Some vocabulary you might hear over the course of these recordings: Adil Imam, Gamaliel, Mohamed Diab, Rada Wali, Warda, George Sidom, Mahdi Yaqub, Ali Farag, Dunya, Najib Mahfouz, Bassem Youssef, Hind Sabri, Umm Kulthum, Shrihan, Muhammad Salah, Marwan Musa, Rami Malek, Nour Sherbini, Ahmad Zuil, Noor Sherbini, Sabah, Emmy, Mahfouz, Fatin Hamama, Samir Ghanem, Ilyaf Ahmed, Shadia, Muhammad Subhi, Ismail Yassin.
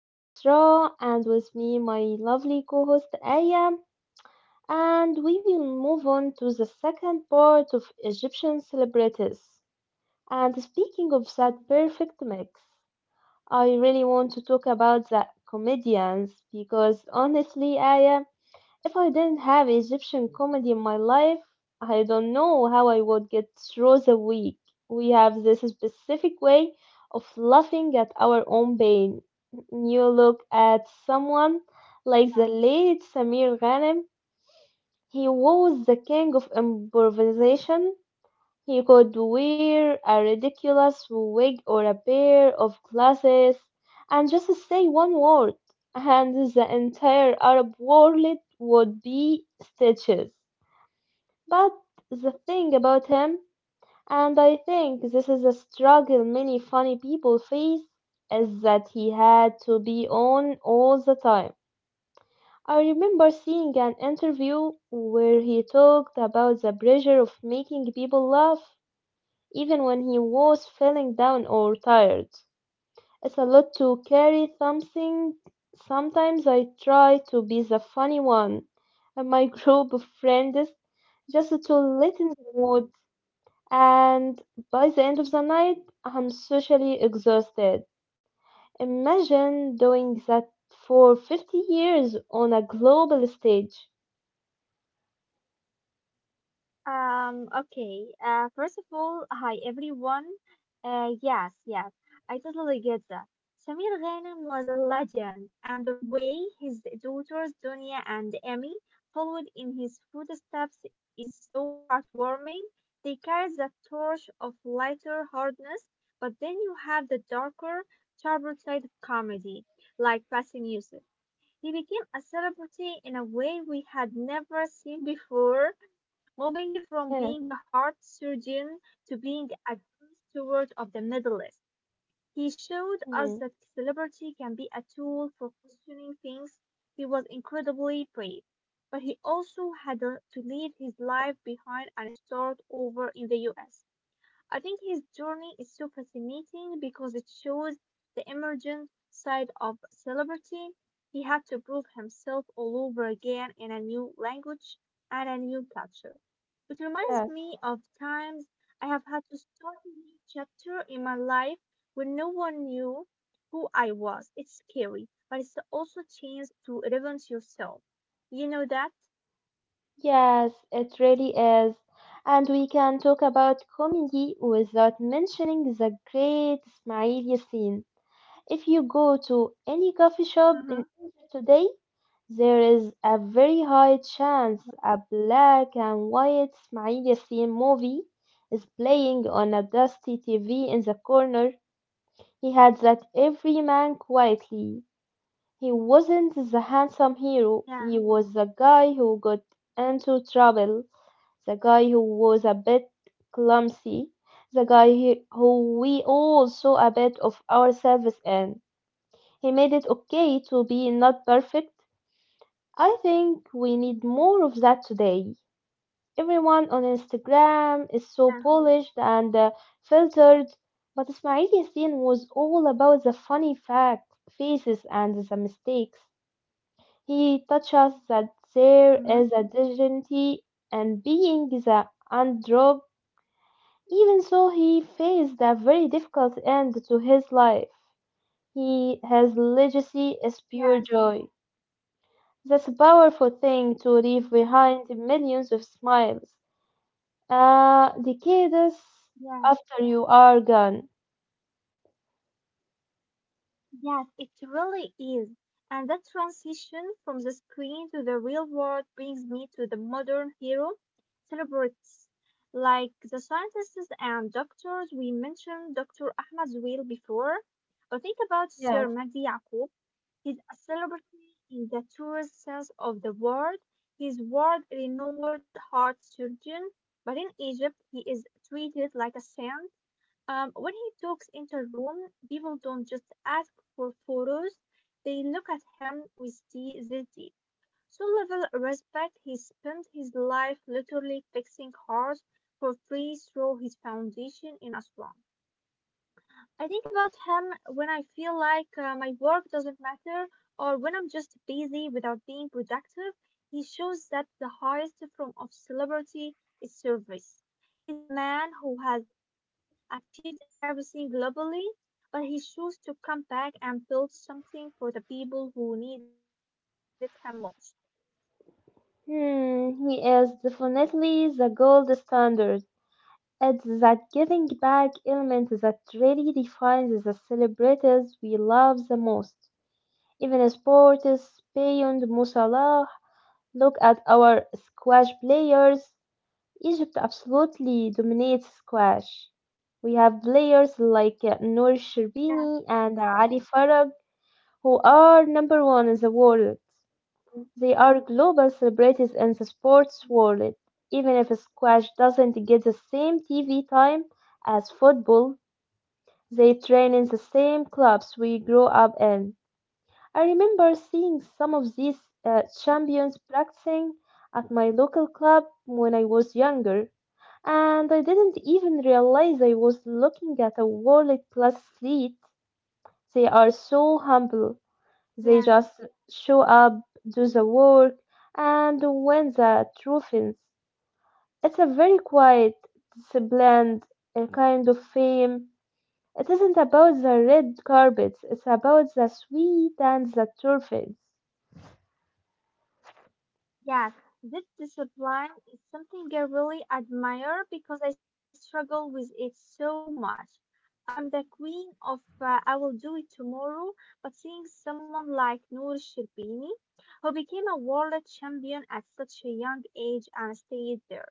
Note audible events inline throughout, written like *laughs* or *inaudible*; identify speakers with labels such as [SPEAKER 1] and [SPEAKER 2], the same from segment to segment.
[SPEAKER 1] I'm Isra and with me my lovely co-host Aya, and we will move on to the second part of Egyptian celebrities. And speaking of that perfect mix,
[SPEAKER 2] Mhm.
[SPEAKER 1] I really want to talk about the comedians because honestly Aya, if I didn't have Egyptian comedy in my life, I don't know how I would get through the week. We have this specific way of laughing at our own pain. You look at someone like the late Samir Ghanem, he was the king of improvisation. He could wear a ridiculous wig or a pair of glasses and just say one word, and the entire Arab world would be stitches. But the thing about him, and I think this is a struggle many funny people face, is that he had to be on all the time. I remember seeing an interview where he talked about the pressure of making people laugh even when he was feeling down or tired. It's a lot to carry something. Sometimes I try to be the funny one and my *laughs* group of friends just to lighten the mood and by the end of the night I'm socially exhausted. Imagine doing that for 50 years on a global stage.
[SPEAKER 2] Okay. First of all, hi everyone. Yes, yes, I totally get that. Samir Ghanem was a legend, and the way his daughters Dunya and Emmy followed in his footsteps is so heartwarming. They carried the torch of lighter hardness, but then you have the darker, sharper side of comedy, like Bassem Youssef. He became a celebrity in a way we had never seen before, moving from
[SPEAKER 1] Yes.
[SPEAKER 2] being a heart surgeon to being a good steward of the Middle East. He showed us
[SPEAKER 1] Mhm.
[SPEAKER 2] that celebrity can be a tool for questioning things. He was incredibly brave, but he also had to leave his life behind and start over in the US. I think his journey is so fascinating because it shows the emergent side of celebrity. He had to prove himself all over again in a new language and a new culture. It reminds
[SPEAKER 1] Yes.
[SPEAKER 2] me of times I have had to start a new chapter in my life when no one knew who I was. It's scary, but it's also a chance to reinvent yourself. You know that?
[SPEAKER 1] Yes, it really is. And we can talk about comedy without mentioning the great Ismaili scene. If you go to any coffee shop in
[SPEAKER 2] Mm-hmm.
[SPEAKER 1] Egypt today, there is a very high chance a black and white Ismaili scene movie is playing on a dusty TV in the corner. He had that every man quietly. He wasn't the handsome hero, he
[SPEAKER 2] Yeah,
[SPEAKER 1] was the guy who got into trouble, the guy who was a bit clumsy, who we all saw a bit of ourselves in. He made it okay to be not perfect. I think we need more of that today. Everyone on Instagram is so
[SPEAKER 2] yeah,
[SPEAKER 1] polished and filtered, but Ismail Yassin was all about the funny facts, faces, and the mistakes. He teaches that there is a
[SPEAKER 2] hmm,
[SPEAKER 1] dignity in being the underdog, even so he faced a very difficult end to his life. He, his legacy is pure
[SPEAKER 2] yes.
[SPEAKER 1] joy. That's a powerful thing to leave
[SPEAKER 2] Mm-hmm.
[SPEAKER 1] behind millions of smiles. Decades
[SPEAKER 2] Yeah.
[SPEAKER 1] after you are gone.
[SPEAKER 2] Yes, it really is. And that transition from the screen to the real world brings me to the modern hero celebrities. Like the scientists and doctors, we mentioned Dr. Ahmad Zuil before, but think about
[SPEAKER 1] Yes.
[SPEAKER 2] Sir Mahdi Yaqub. He's a celebrity in the truest sense of the word. He's world-renowned heart surgeon, but in Egypt he is treated like a saint. When he talks in the room, people don't just ask for photos, they look at him with the ZD. So level respect, he spent his life literally fixing cars for free through his foundation in Aswan. I think about him when I feel like my work doesn't matter or when I'm just busy without being productive. He shows that the highest form of celebrity is service. He's a man who has achieved everything globally, but he chose to come back and build something for the people who needed him most.
[SPEAKER 1] Hmm, he is definitely the gold standard. It's that giving back element that really defines the celebrities we love the most. Even sports, beyond Musalah, look at our squash players. Egypt absolutely dominates squash. We have players like Nour
[SPEAKER 2] Yeah,
[SPEAKER 1] Sherbini and Ali Farag who are number one in the world. They are global celebrities in the sports world. Even if squash doesn't get the same TV time as football, they train in the same clubs we grew up in. I remember seeing some of these champions practicing at my local club when I was younger, and I didn't even realize I was looking at a world class athlete. They are so humble.
[SPEAKER 2] yeah.
[SPEAKER 1] They just show up, do the work, and win the trophies. It's a very quiet, disciplined kind of fame it isn't about the red carpets, it's about the sweet and the turfs.
[SPEAKER 2] Yes, this discipline is something I really admire because I struggle with it so much. I'm the queen of I will do it tomorrow, but seeing someone like Noor Sherbini, who became a world champion at such a young age and stayed there,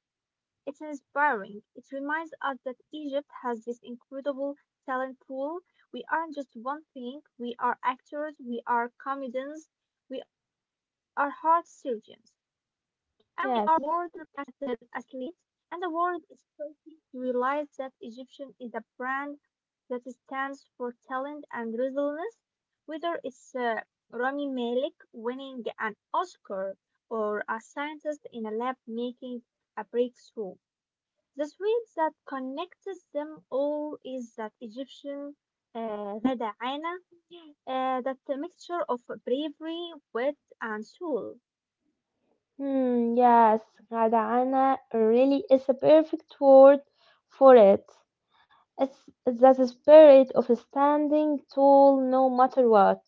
[SPEAKER 2] it's inspiring. It reminds us that Egypt has this incredible talent pool. We aren't just one thing. We are actors, we are comedians, we are heart surgeons, and we are world
[SPEAKER 1] Yes.
[SPEAKER 2] class athletes. And the world is starting to realize that Egyptian is a brand that stands for talent and resilience. Whether it's Rami Malek winning an Oscar or a scientist in a lab making a breakthrough. The thread that connects them all is that Egyptian rada'ana, that mixture of bravery, wit, and soul.
[SPEAKER 1] Hmm, yes, Gadana really is a perfect word for it. It's that spirit of standing tall no matter what.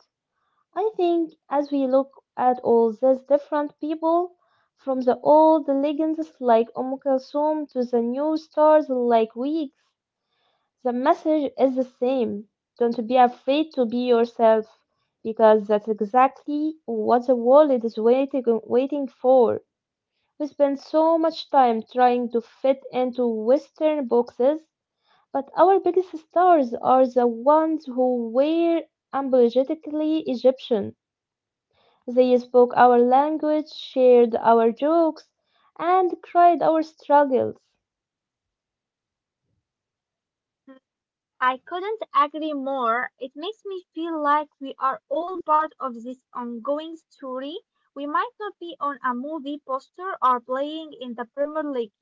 [SPEAKER 1] I think as we look at all these different people, from the old legends like Kulthum to the new stars like Weeks, the message is the same. Don't be afraid to be yourself, because that's exactly what the world is waiting for. We spend so much time trying to fit into Western boxes, but our biggest stars are the ones who were unapologetically Egyptian. They spoke our language, shared our jokes, and cried our struggles.
[SPEAKER 2] I couldn't agree more. It makes me feel like we are all part of this ongoing story. We might not be on a movie poster or playing in the Premier League,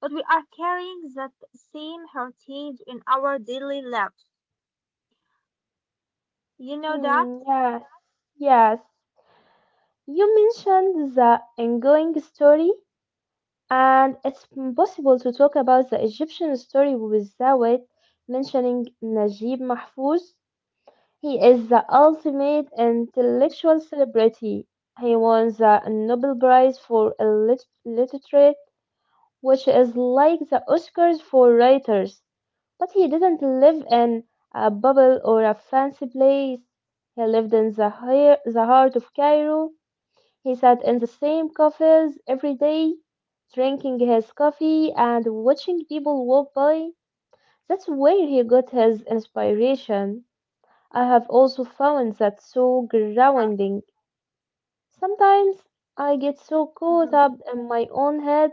[SPEAKER 2] but we are carrying that same heritage in our daily lives. You know that?
[SPEAKER 1] Hmm, yes, yes. You mentioned the ongoing story, and it's impossible to talk about the Egyptian story without mentioning Najib Mahfouz. He is the ultimate intellectual celebrity. He won the Nobel Prize for Literature, which is like the Oscars for writers. But he didn't live in a bubble or a fancy place. He lived in the heart of Cairo, he sat in the same cafes every day, drinking his coffee and watching people walk by. That's where he got his inspiration. I have also found that so
[SPEAKER 2] Yeah.
[SPEAKER 1] grounding. Sometimes I get so caught
[SPEAKER 2] Mhm.
[SPEAKER 1] up in my own head,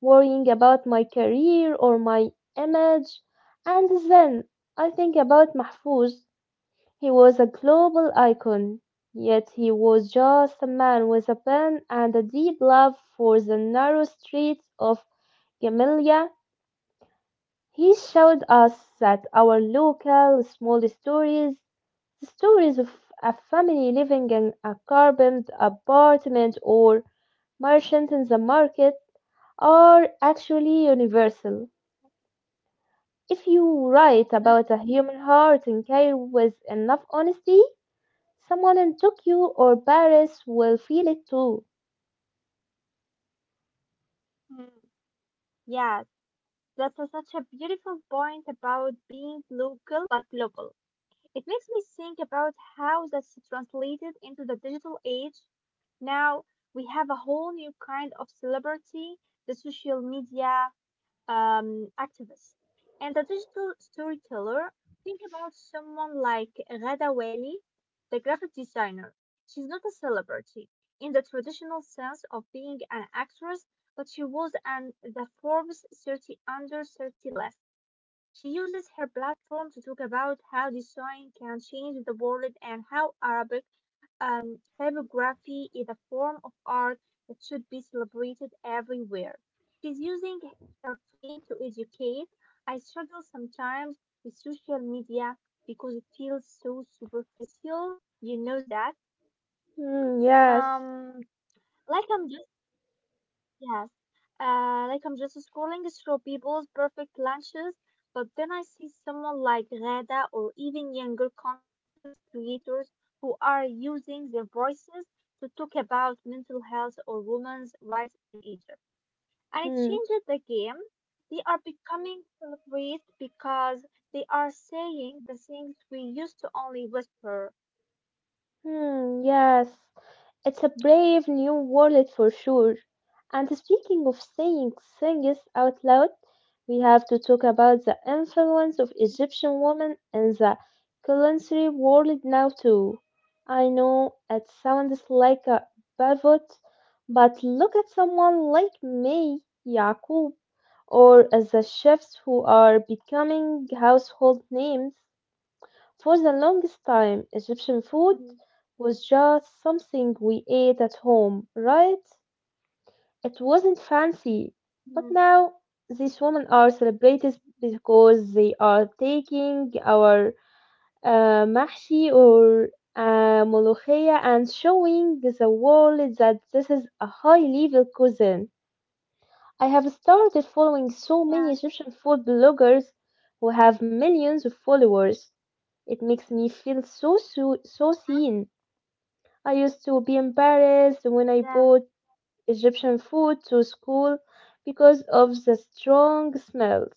[SPEAKER 1] worrying about my career or my image, and then I think about Mahfouz. He was a global icon, yet he was just a man with a pen and a deep love for the narrow streets of Gamaliel. He showed us that our local small stories, the stories of a family living in a carboned apartment or merchant in the market, are actually universal. If you write about a human heart and care with enough honesty, someone in Tokyo or Paris will feel it too.
[SPEAKER 2] Hmm? Yes, that's such a beautiful point about being local but global. It makes me think about how that's translated into the digital age. Now we have a whole new kind of celebrity, the social media, activist. And the digital storyteller, think about someone like Rada Wali, the graphic designer. She's not a celebrity in the traditional sense of being an actress, but she was on the Forbes 30 under 30 list. She uses her platform to talk about how design can change the world and how Arabic typography is a form of art that should be celebrated everywhere. She's using her fame to educate. I struggle sometimes with social media because it feels so superficial. You know that?
[SPEAKER 1] Hmm, yes.
[SPEAKER 2] Um, like I'm just Yes, like I'm just scrolling through people's perfect lunches, but then I see someone like Rada or even younger content creators who are using their voices to talk about mental health or women's rights in Egypt. And it
[SPEAKER 1] Hmm,
[SPEAKER 2] changes the game. They are becoming celebrities because they are saying the things we used to only whisper.
[SPEAKER 1] hmm, yes. It's a brave new world for sure. And speaking of saying things out loud, we have to talk about the influence of Egyptian women in the culinary world now too. I know it sounds like a pivot, but look at someone like me, Yaqub, or as the chefs who are becoming household names. For the longest time, Egyptian food
[SPEAKER 2] Mhm,
[SPEAKER 1] was just something we ate at home, right? It wasn't fancy. But
[SPEAKER 2] mhm.
[SPEAKER 1] now, these women are celebrities because they are taking our mahshi or molokhia and showing the world that this is a high level cuisine. I have started following so many
[SPEAKER 2] Yes,
[SPEAKER 1] Egyptian food bloggers who have millions of followers. It makes me feel so so, so seen. I used to be embarrassed
[SPEAKER 2] yeah,
[SPEAKER 1] when I
[SPEAKER 2] yeah,
[SPEAKER 1] bought Egyptian food to school because of the strong smells.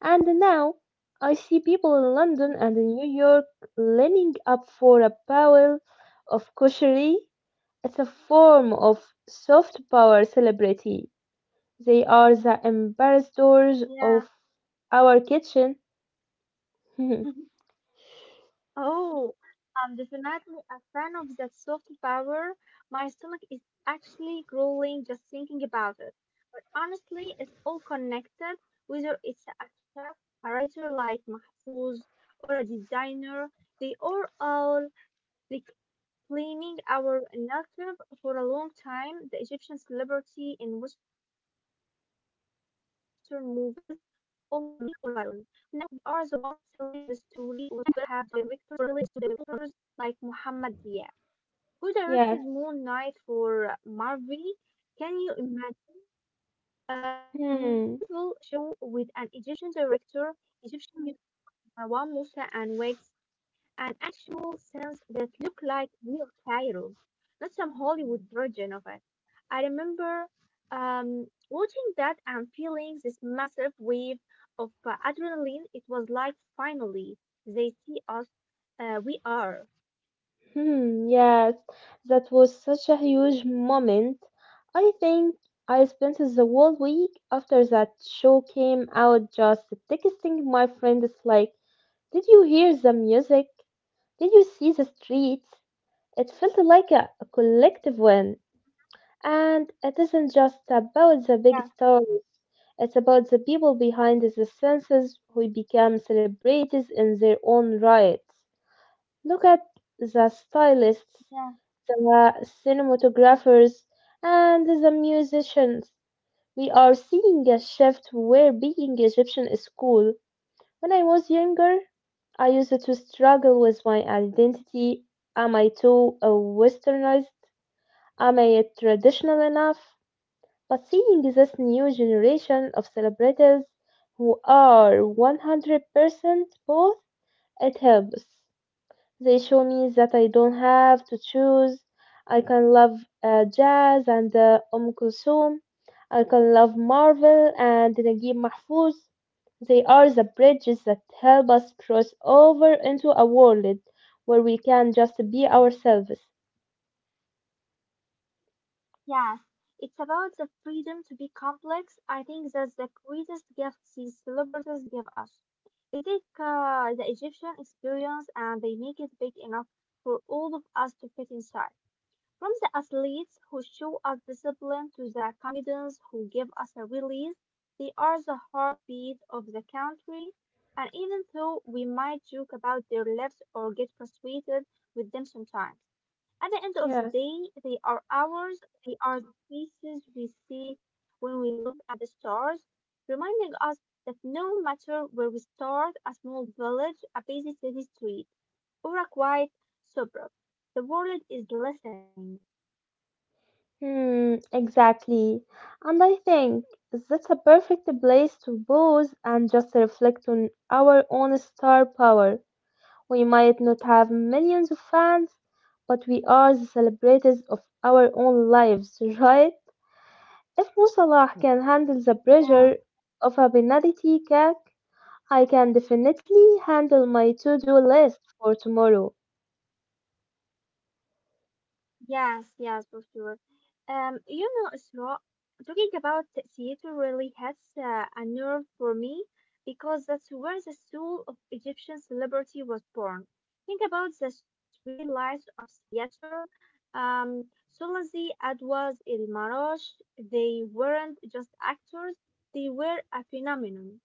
[SPEAKER 1] And now I see people in
[SPEAKER 2] mhm,
[SPEAKER 1] London and in New York lining up for a bowl of koshery. It's a form of soft power celebrity. They are the ambassadors
[SPEAKER 2] yeah.
[SPEAKER 1] of our kitchen. *laughs*
[SPEAKER 2] *laughs* Oh, I'm definitely a fan of that soft power. My stomach is actually growling just thinking about it. But honestly, it's all connected, whether it's a chef, a writer like Mahfouz, or a designer. They are all reclaiming our narrative for a long time. The Egyptian celebrity in Western movies was always a mummy or a villain, but now we are the ones telling the story. We have directors like Mohamed Diab, who directed
[SPEAKER 1] Yes.
[SPEAKER 2] Moon Knight for Marvel. Can you imagine a Marvel
[SPEAKER 1] Hmm.
[SPEAKER 2] show with an Egyptian director, Egyptian music, Marwan Musa and Wigs? And actual scenes that look like real Cairo, not some Hollywood version of it. I remember watching that and feeling this massive wave of adrenaline. It was like finally they see us, we are.
[SPEAKER 1] Hmm. Yes. That was such a huge moment. I think I spent the whole week after that show came out just texting my friends like, "Did you hear the music? Did you see the streets?" It felt like a collective win. And it isn't just about the big
[SPEAKER 2] Yeah,
[SPEAKER 1] stories, it's about the people behind the senses who become celebrities in their own right. Look at the stylists,
[SPEAKER 2] yeah.
[SPEAKER 1] the cinematographers, and the musicians. We are seeing a shift where being Egyptian is cool. When I was younger, I used to struggle with my identity. Am I too westernized? Am I traditional enough? But seeing this new generation of celebrities who are 100% both, it helps. They show me that I don't have to choose. I can love jazz and Kulthum. I can love Marvel and Naguib Mahfouz. They are the bridges that help us cross over into a world where we can just be ourselves.
[SPEAKER 2] Yes, it's about the freedom to be complex. I think that's the greatest gift these celebrities give us. They take the Egyptian experience and they make it big enough for all of us to fit inside. From the athletes who show us discipline to the comedians who give us a release, they are the heartbeat of the country. And even though we might joke about their lives or get frustrated with them sometimes, at the end of the
[SPEAKER 1] Yes.
[SPEAKER 2] day, they are ours. They are the pieces we see when we look at the stars, reminding us that no matter where we start, a small village, a busy city street, or a quiet suburb, the world is listening.
[SPEAKER 1] Hmm, exactly. And I think that's a perfect place to pause and just reflect on our own star power. We might not have millions of fans, but we are the celebrators of our own lives, right? If Musalah can handle the
[SPEAKER 2] Yeah.
[SPEAKER 1] pressure of a penalty kick, I can definitely handle my to-do list for tomorrow.
[SPEAKER 2] Yes, yes, for sure. You know, Isra, talking about theater really hits a nerve for me because that's where the soul of Egyptian celebrity was born. Think about the three lives of theater. Um, Sulazi, Adwas, El Marash, they weren't just actors, they were a phenomenon.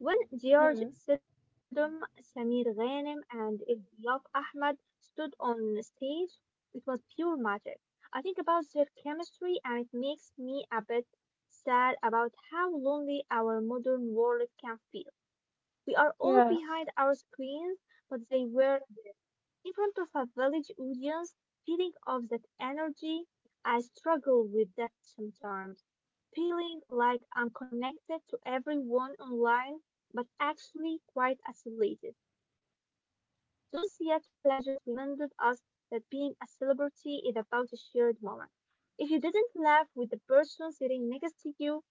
[SPEAKER 2] When George
[SPEAKER 1] Hmm,
[SPEAKER 2] Sidom, Samir Ghanim, and Ilyaf Ahmed stood on stage, it was pure magic. I think about their chemistry and it makes me a bit sad about how lonely our modern world can feel. We are all
[SPEAKER 1] yes.
[SPEAKER 2] behind our screens, but they were in front of a village audience, feeling of that energy, I struggle with that sometimes, feeling like I'm connected to everyone online, but actually quite isolated. Those theater legends reminded us that being a celebrity is about a shared moment. If you didn't laugh with the person sitting next to you,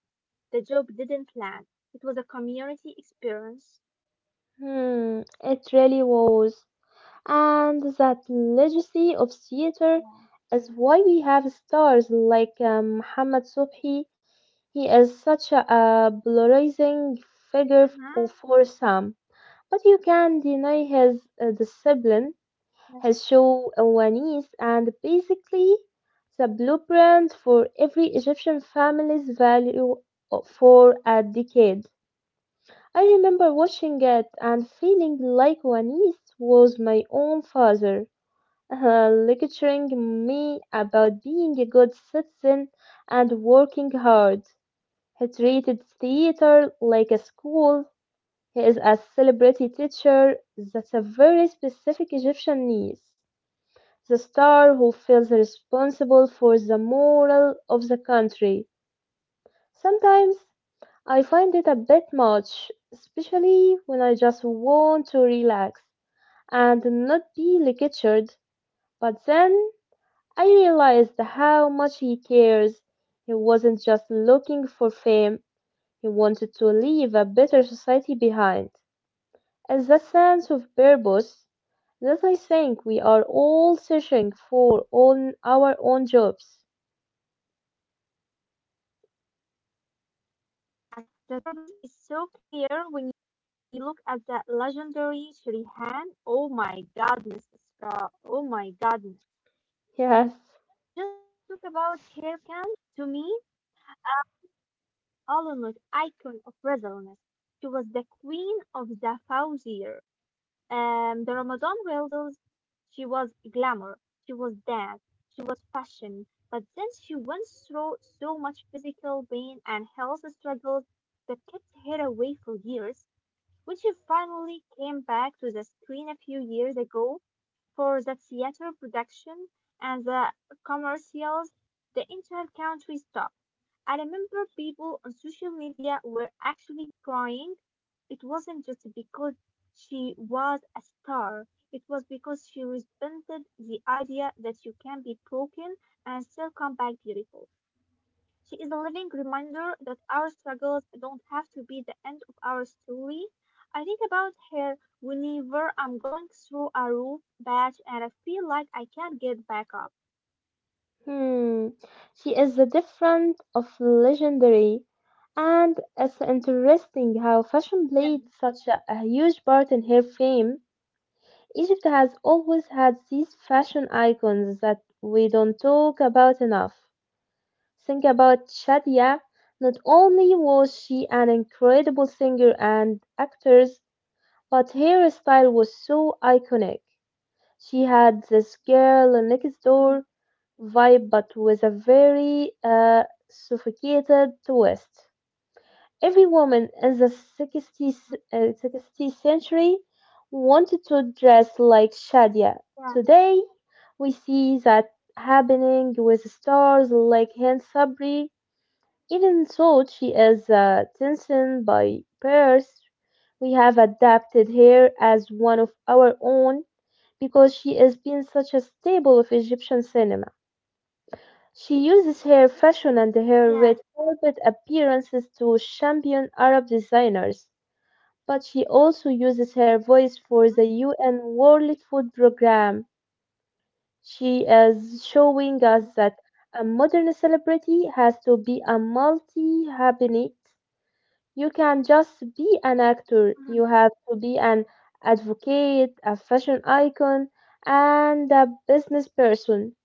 [SPEAKER 2] the joke didn't land. It was a community experience.
[SPEAKER 1] Hmm, it really was. And that legacy of
[SPEAKER 2] Yeah.
[SPEAKER 1] theatre is why we have stars like Muhammad Subhi. He is such a polarizing
[SPEAKER 2] Mhm.
[SPEAKER 1] figure oh, for some, but you can deny his discipline,
[SPEAKER 2] Yeah.
[SPEAKER 1] his show awareness, and basically the blueprint for every Egyptian family's value for a decade. I remember watching it and feeling like Wanis was my own father lecturing me about being a good citizen and working hard. He treated theater like a school. He is a celebrity teacher. That's a very specific Egyptian niece. The star who feels responsible for the moral of the country. Sometimes I find it a bit much, especially when I just want to relax and not be lectured. But then I realized how much he cares. He wasn't just looking for fame, he wanted to leave a better society behind. And that sense of purpose that I think we are all searching for on our own jobs.
[SPEAKER 2] Yes, the purpose is so clear when you look at the legendary Shrihan. Oh my goodness, Isra. Oh my goodness. Can we just talk about
[SPEAKER 1] Yes.
[SPEAKER 2] her for a second? To me, Alun was icon of resilience. She was the queen of the fauzier. The Ramadan Reels, she was glamour, she was dance, she was fashion. But then she went through so much physical pain and health struggles that kept her away for years. When she finally came back to the screen a few years ago for the theater production and the commercials, the entire country stopped. I remember people on social media were actually crying. It wasn't just because she was a star, it was because she resented the idea that you can be broken and still come back beautiful. She is a living reminder that our struggles don't have to be the end of our story. I think about her whenever I'm going through a rough patch and I feel like I can't get back up.
[SPEAKER 1] Hmm. She is the different of legendary, and it's interesting how fashion
[SPEAKER 2] Yeah,
[SPEAKER 1] played such a huge part in her fame. Egypt has always had these fashion icons that we don't talk about enough. Think about Shadia. Not only was she an incredible singer and actress, but her style was so iconic. She had this girl next
[SPEAKER 2] mhm,
[SPEAKER 1] door vibe, but with a very sophisticated twist. Every woman in the 60th
[SPEAKER 2] mhm,
[SPEAKER 1] 16th century wanted to dress like Shadia.
[SPEAKER 2] yeah.
[SPEAKER 1] Today, we see that happening with stars like Hind Sabri. Even though she is tensioned by Paris, we have adapted her as one of our own because she has been such a staple of Egyptian cinema. She uses her fashion and
[SPEAKER 2] Yes,
[SPEAKER 1] her red carpet appearances to champion Arab designers, but she also uses her voice for the UN World Food Programme. She is showing
[SPEAKER 2] mhm,
[SPEAKER 1] us that a modern celebrity has to be a multi habit. You can just be an
[SPEAKER 2] mhm.
[SPEAKER 1] actor. You have to be an advocate, a fashion icon, and a business person.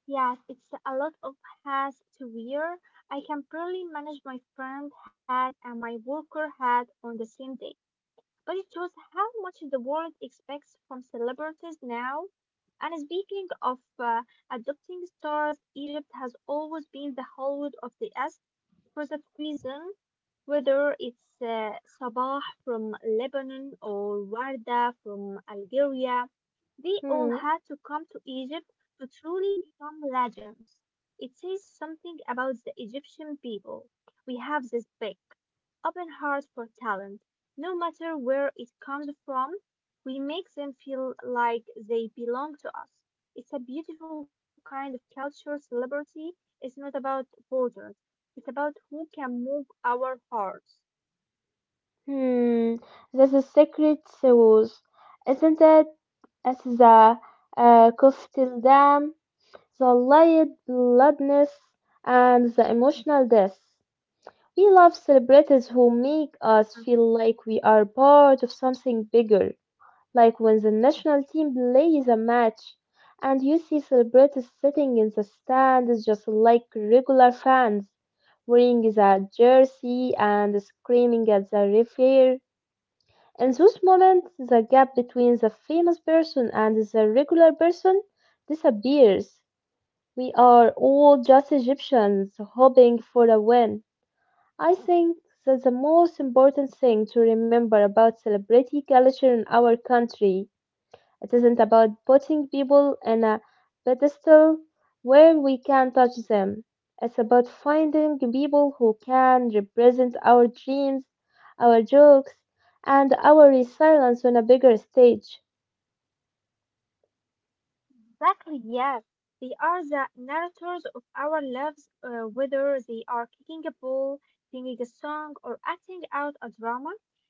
[SPEAKER 2] Yes, it's a lot of hats to wear. I can barely manage my friend hat and my worker hat on the same day. But it shows how much the world expects from celebrities now. And speaking of adopting stars, Egypt has always been the Hollywood of the East for that reason. Whether it's Sabah from Lebanon or Warda from Algeria, they all
[SPEAKER 1] Hmm.
[SPEAKER 2] had to come to Egypt to truly become legends. It says something about the Egyptian people. We have this big, open heart for talent. No matter where it comes from, we make them feel like they belong to us. It's a beautiful kind of culture. Celebrity is not about borders. It's about who can move our hearts.
[SPEAKER 1] Hmm, that's a secret sauce, isn't it? That's the
[SPEAKER 2] Yeah.
[SPEAKER 1] uh, Dam, the light bloodness and the emotional death. We love celebrities who make us feel like we are part of something bigger, like when the national team plays a match, and you see celebrities sitting in the stands just like regular fans wearing the jersey and screaming at the referee in those moments, the gap between the famous person and the regular person disappears. We are all just Egyptians hoping for a win. I think that the most important thing to remember about celebrity culture in our country. It isn't about putting people on a pedestal where we can touch them. It's about finding people who can represent our dreams, our jokes, and our resilience on a bigger stage.
[SPEAKER 2] Exactly, yes. They are the narrators of our lives, whether they are kicking a ball, singing a song, or acting out a drama.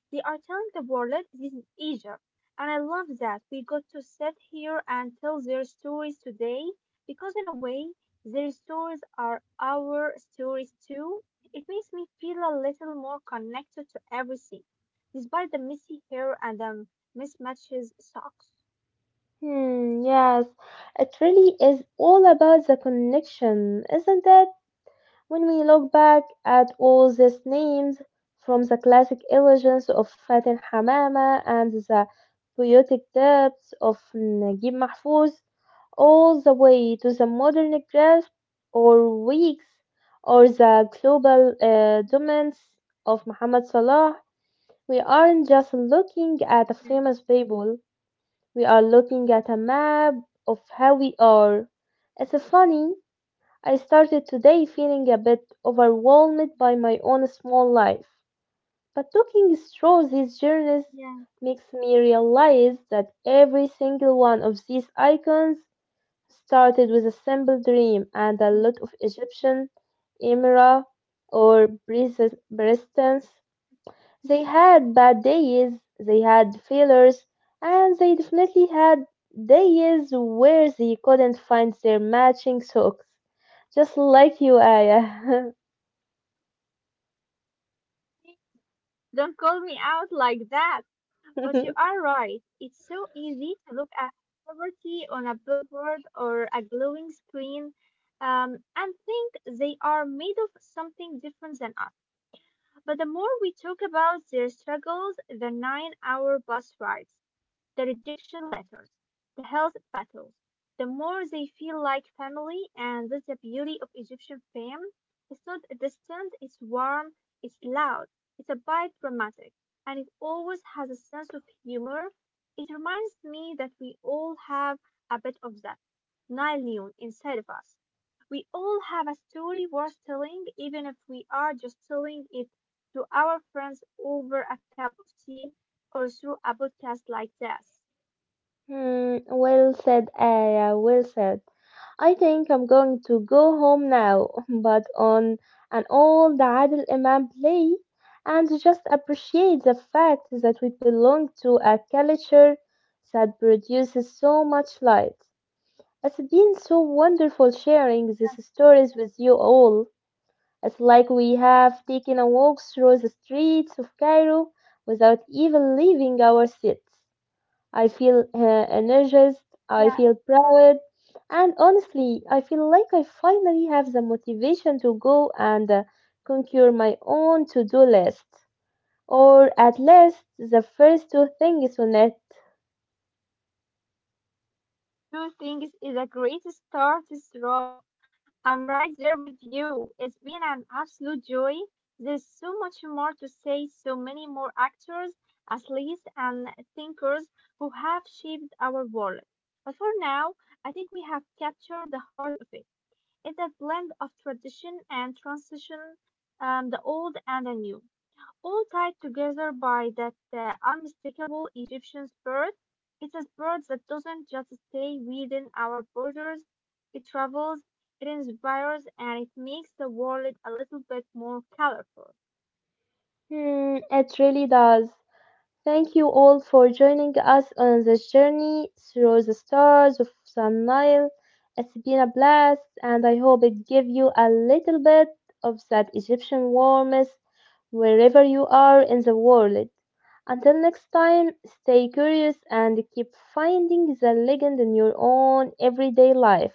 [SPEAKER 2] They are telling the world this is Egypt. And I love that we got to sit here and tell their stories today because, in a way, their stories are our stories too. It makes me feel a little more connected to everything, despite the messy hair and the mismatches socks.
[SPEAKER 1] Hmm, yes, it really is all about the connection, isn't it? When we look back at all these names, from the classic illusions of Fatin Hamama and the poetic depths of Najib Mahfouz, all the way to the modern grasp or weeks or the global dominance
[SPEAKER 2] Mm,
[SPEAKER 1] of Muhammad Salah, we aren't just looking at the
[SPEAKER 2] yeah,
[SPEAKER 1] famous people, we are looking at a map of how we are. It's funny, I started today feeling a bit overwhelmed by my own small life, but looking through these journeys
[SPEAKER 2] yeah.
[SPEAKER 1] makes me realize that every single one of these icons started with a simple dream and a
[SPEAKER 2] Mm.
[SPEAKER 1] lot of Egyptian emira or presidents. They had bad days, they had failures, and they definitely had days where they couldn't find their matching socks. Just like you, Aya.
[SPEAKER 2] Don't call me out like that. But you
[SPEAKER 1] *laughs*
[SPEAKER 2] are right. It's so easy to look at poverty on a billboard or a glowing screen and think they are made of something different than us. But the more we talk about their struggles, the 9 hour bus rides, the rejection letters, the health battles, the more they feel like family, and that's the beauty of Egyptian fame. It's not distant, it's warm, it's loud, it's a bit dramatic, and it always has a sense of humor. It reminds me that we all have a bit of that Nile Noon inside of us. We all have a story worth telling, even if we are just telling it to our friends over a cup of tea or through a podcast like this.
[SPEAKER 1] Hmm, well said, Aya, well said. I think I'm going to go home now, *laughs* but on an old Adil Imam play and just appreciate the fact that we belong to a culture that produces so much light. It's been so wonderful sharing these stories with you all. It's like we have taken a walk through the streets of Cairo without even leaving our seats. I feel energized, I
[SPEAKER 2] Yeah.
[SPEAKER 1] feel proud, and honestly, I feel like I finally have the motivation to go and conquer my own to do list, or at least the first two things on it.
[SPEAKER 2] Two things is a great start, straw. I'm right there with you. It's been an absolute joy. There's so much more to say, so many more actors, athletes, and thinkers who have shaped our world. But for now, I think we have captured the heart of it. It's a blend of tradition and transition, the old and the new, all tied together by that unmistakable Egyptian spirit. It's a spirit that doesn't just stay within our borders, it travels, it inspires, and it makes the world a little bit more colorful.
[SPEAKER 1] Hmm, it really does. Thank you all for joining us on this journey through the stars of Sun Nile. It's been a blast, and I hope it gave you a little bit of that Egyptian warmth wherever you are in the world. Until next time, stay curious and keep finding the legend in your own everyday life.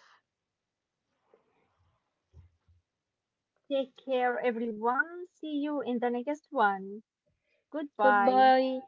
[SPEAKER 2] Take care, everyone. See you in the next one. Goodbye.
[SPEAKER 1] Goodbye.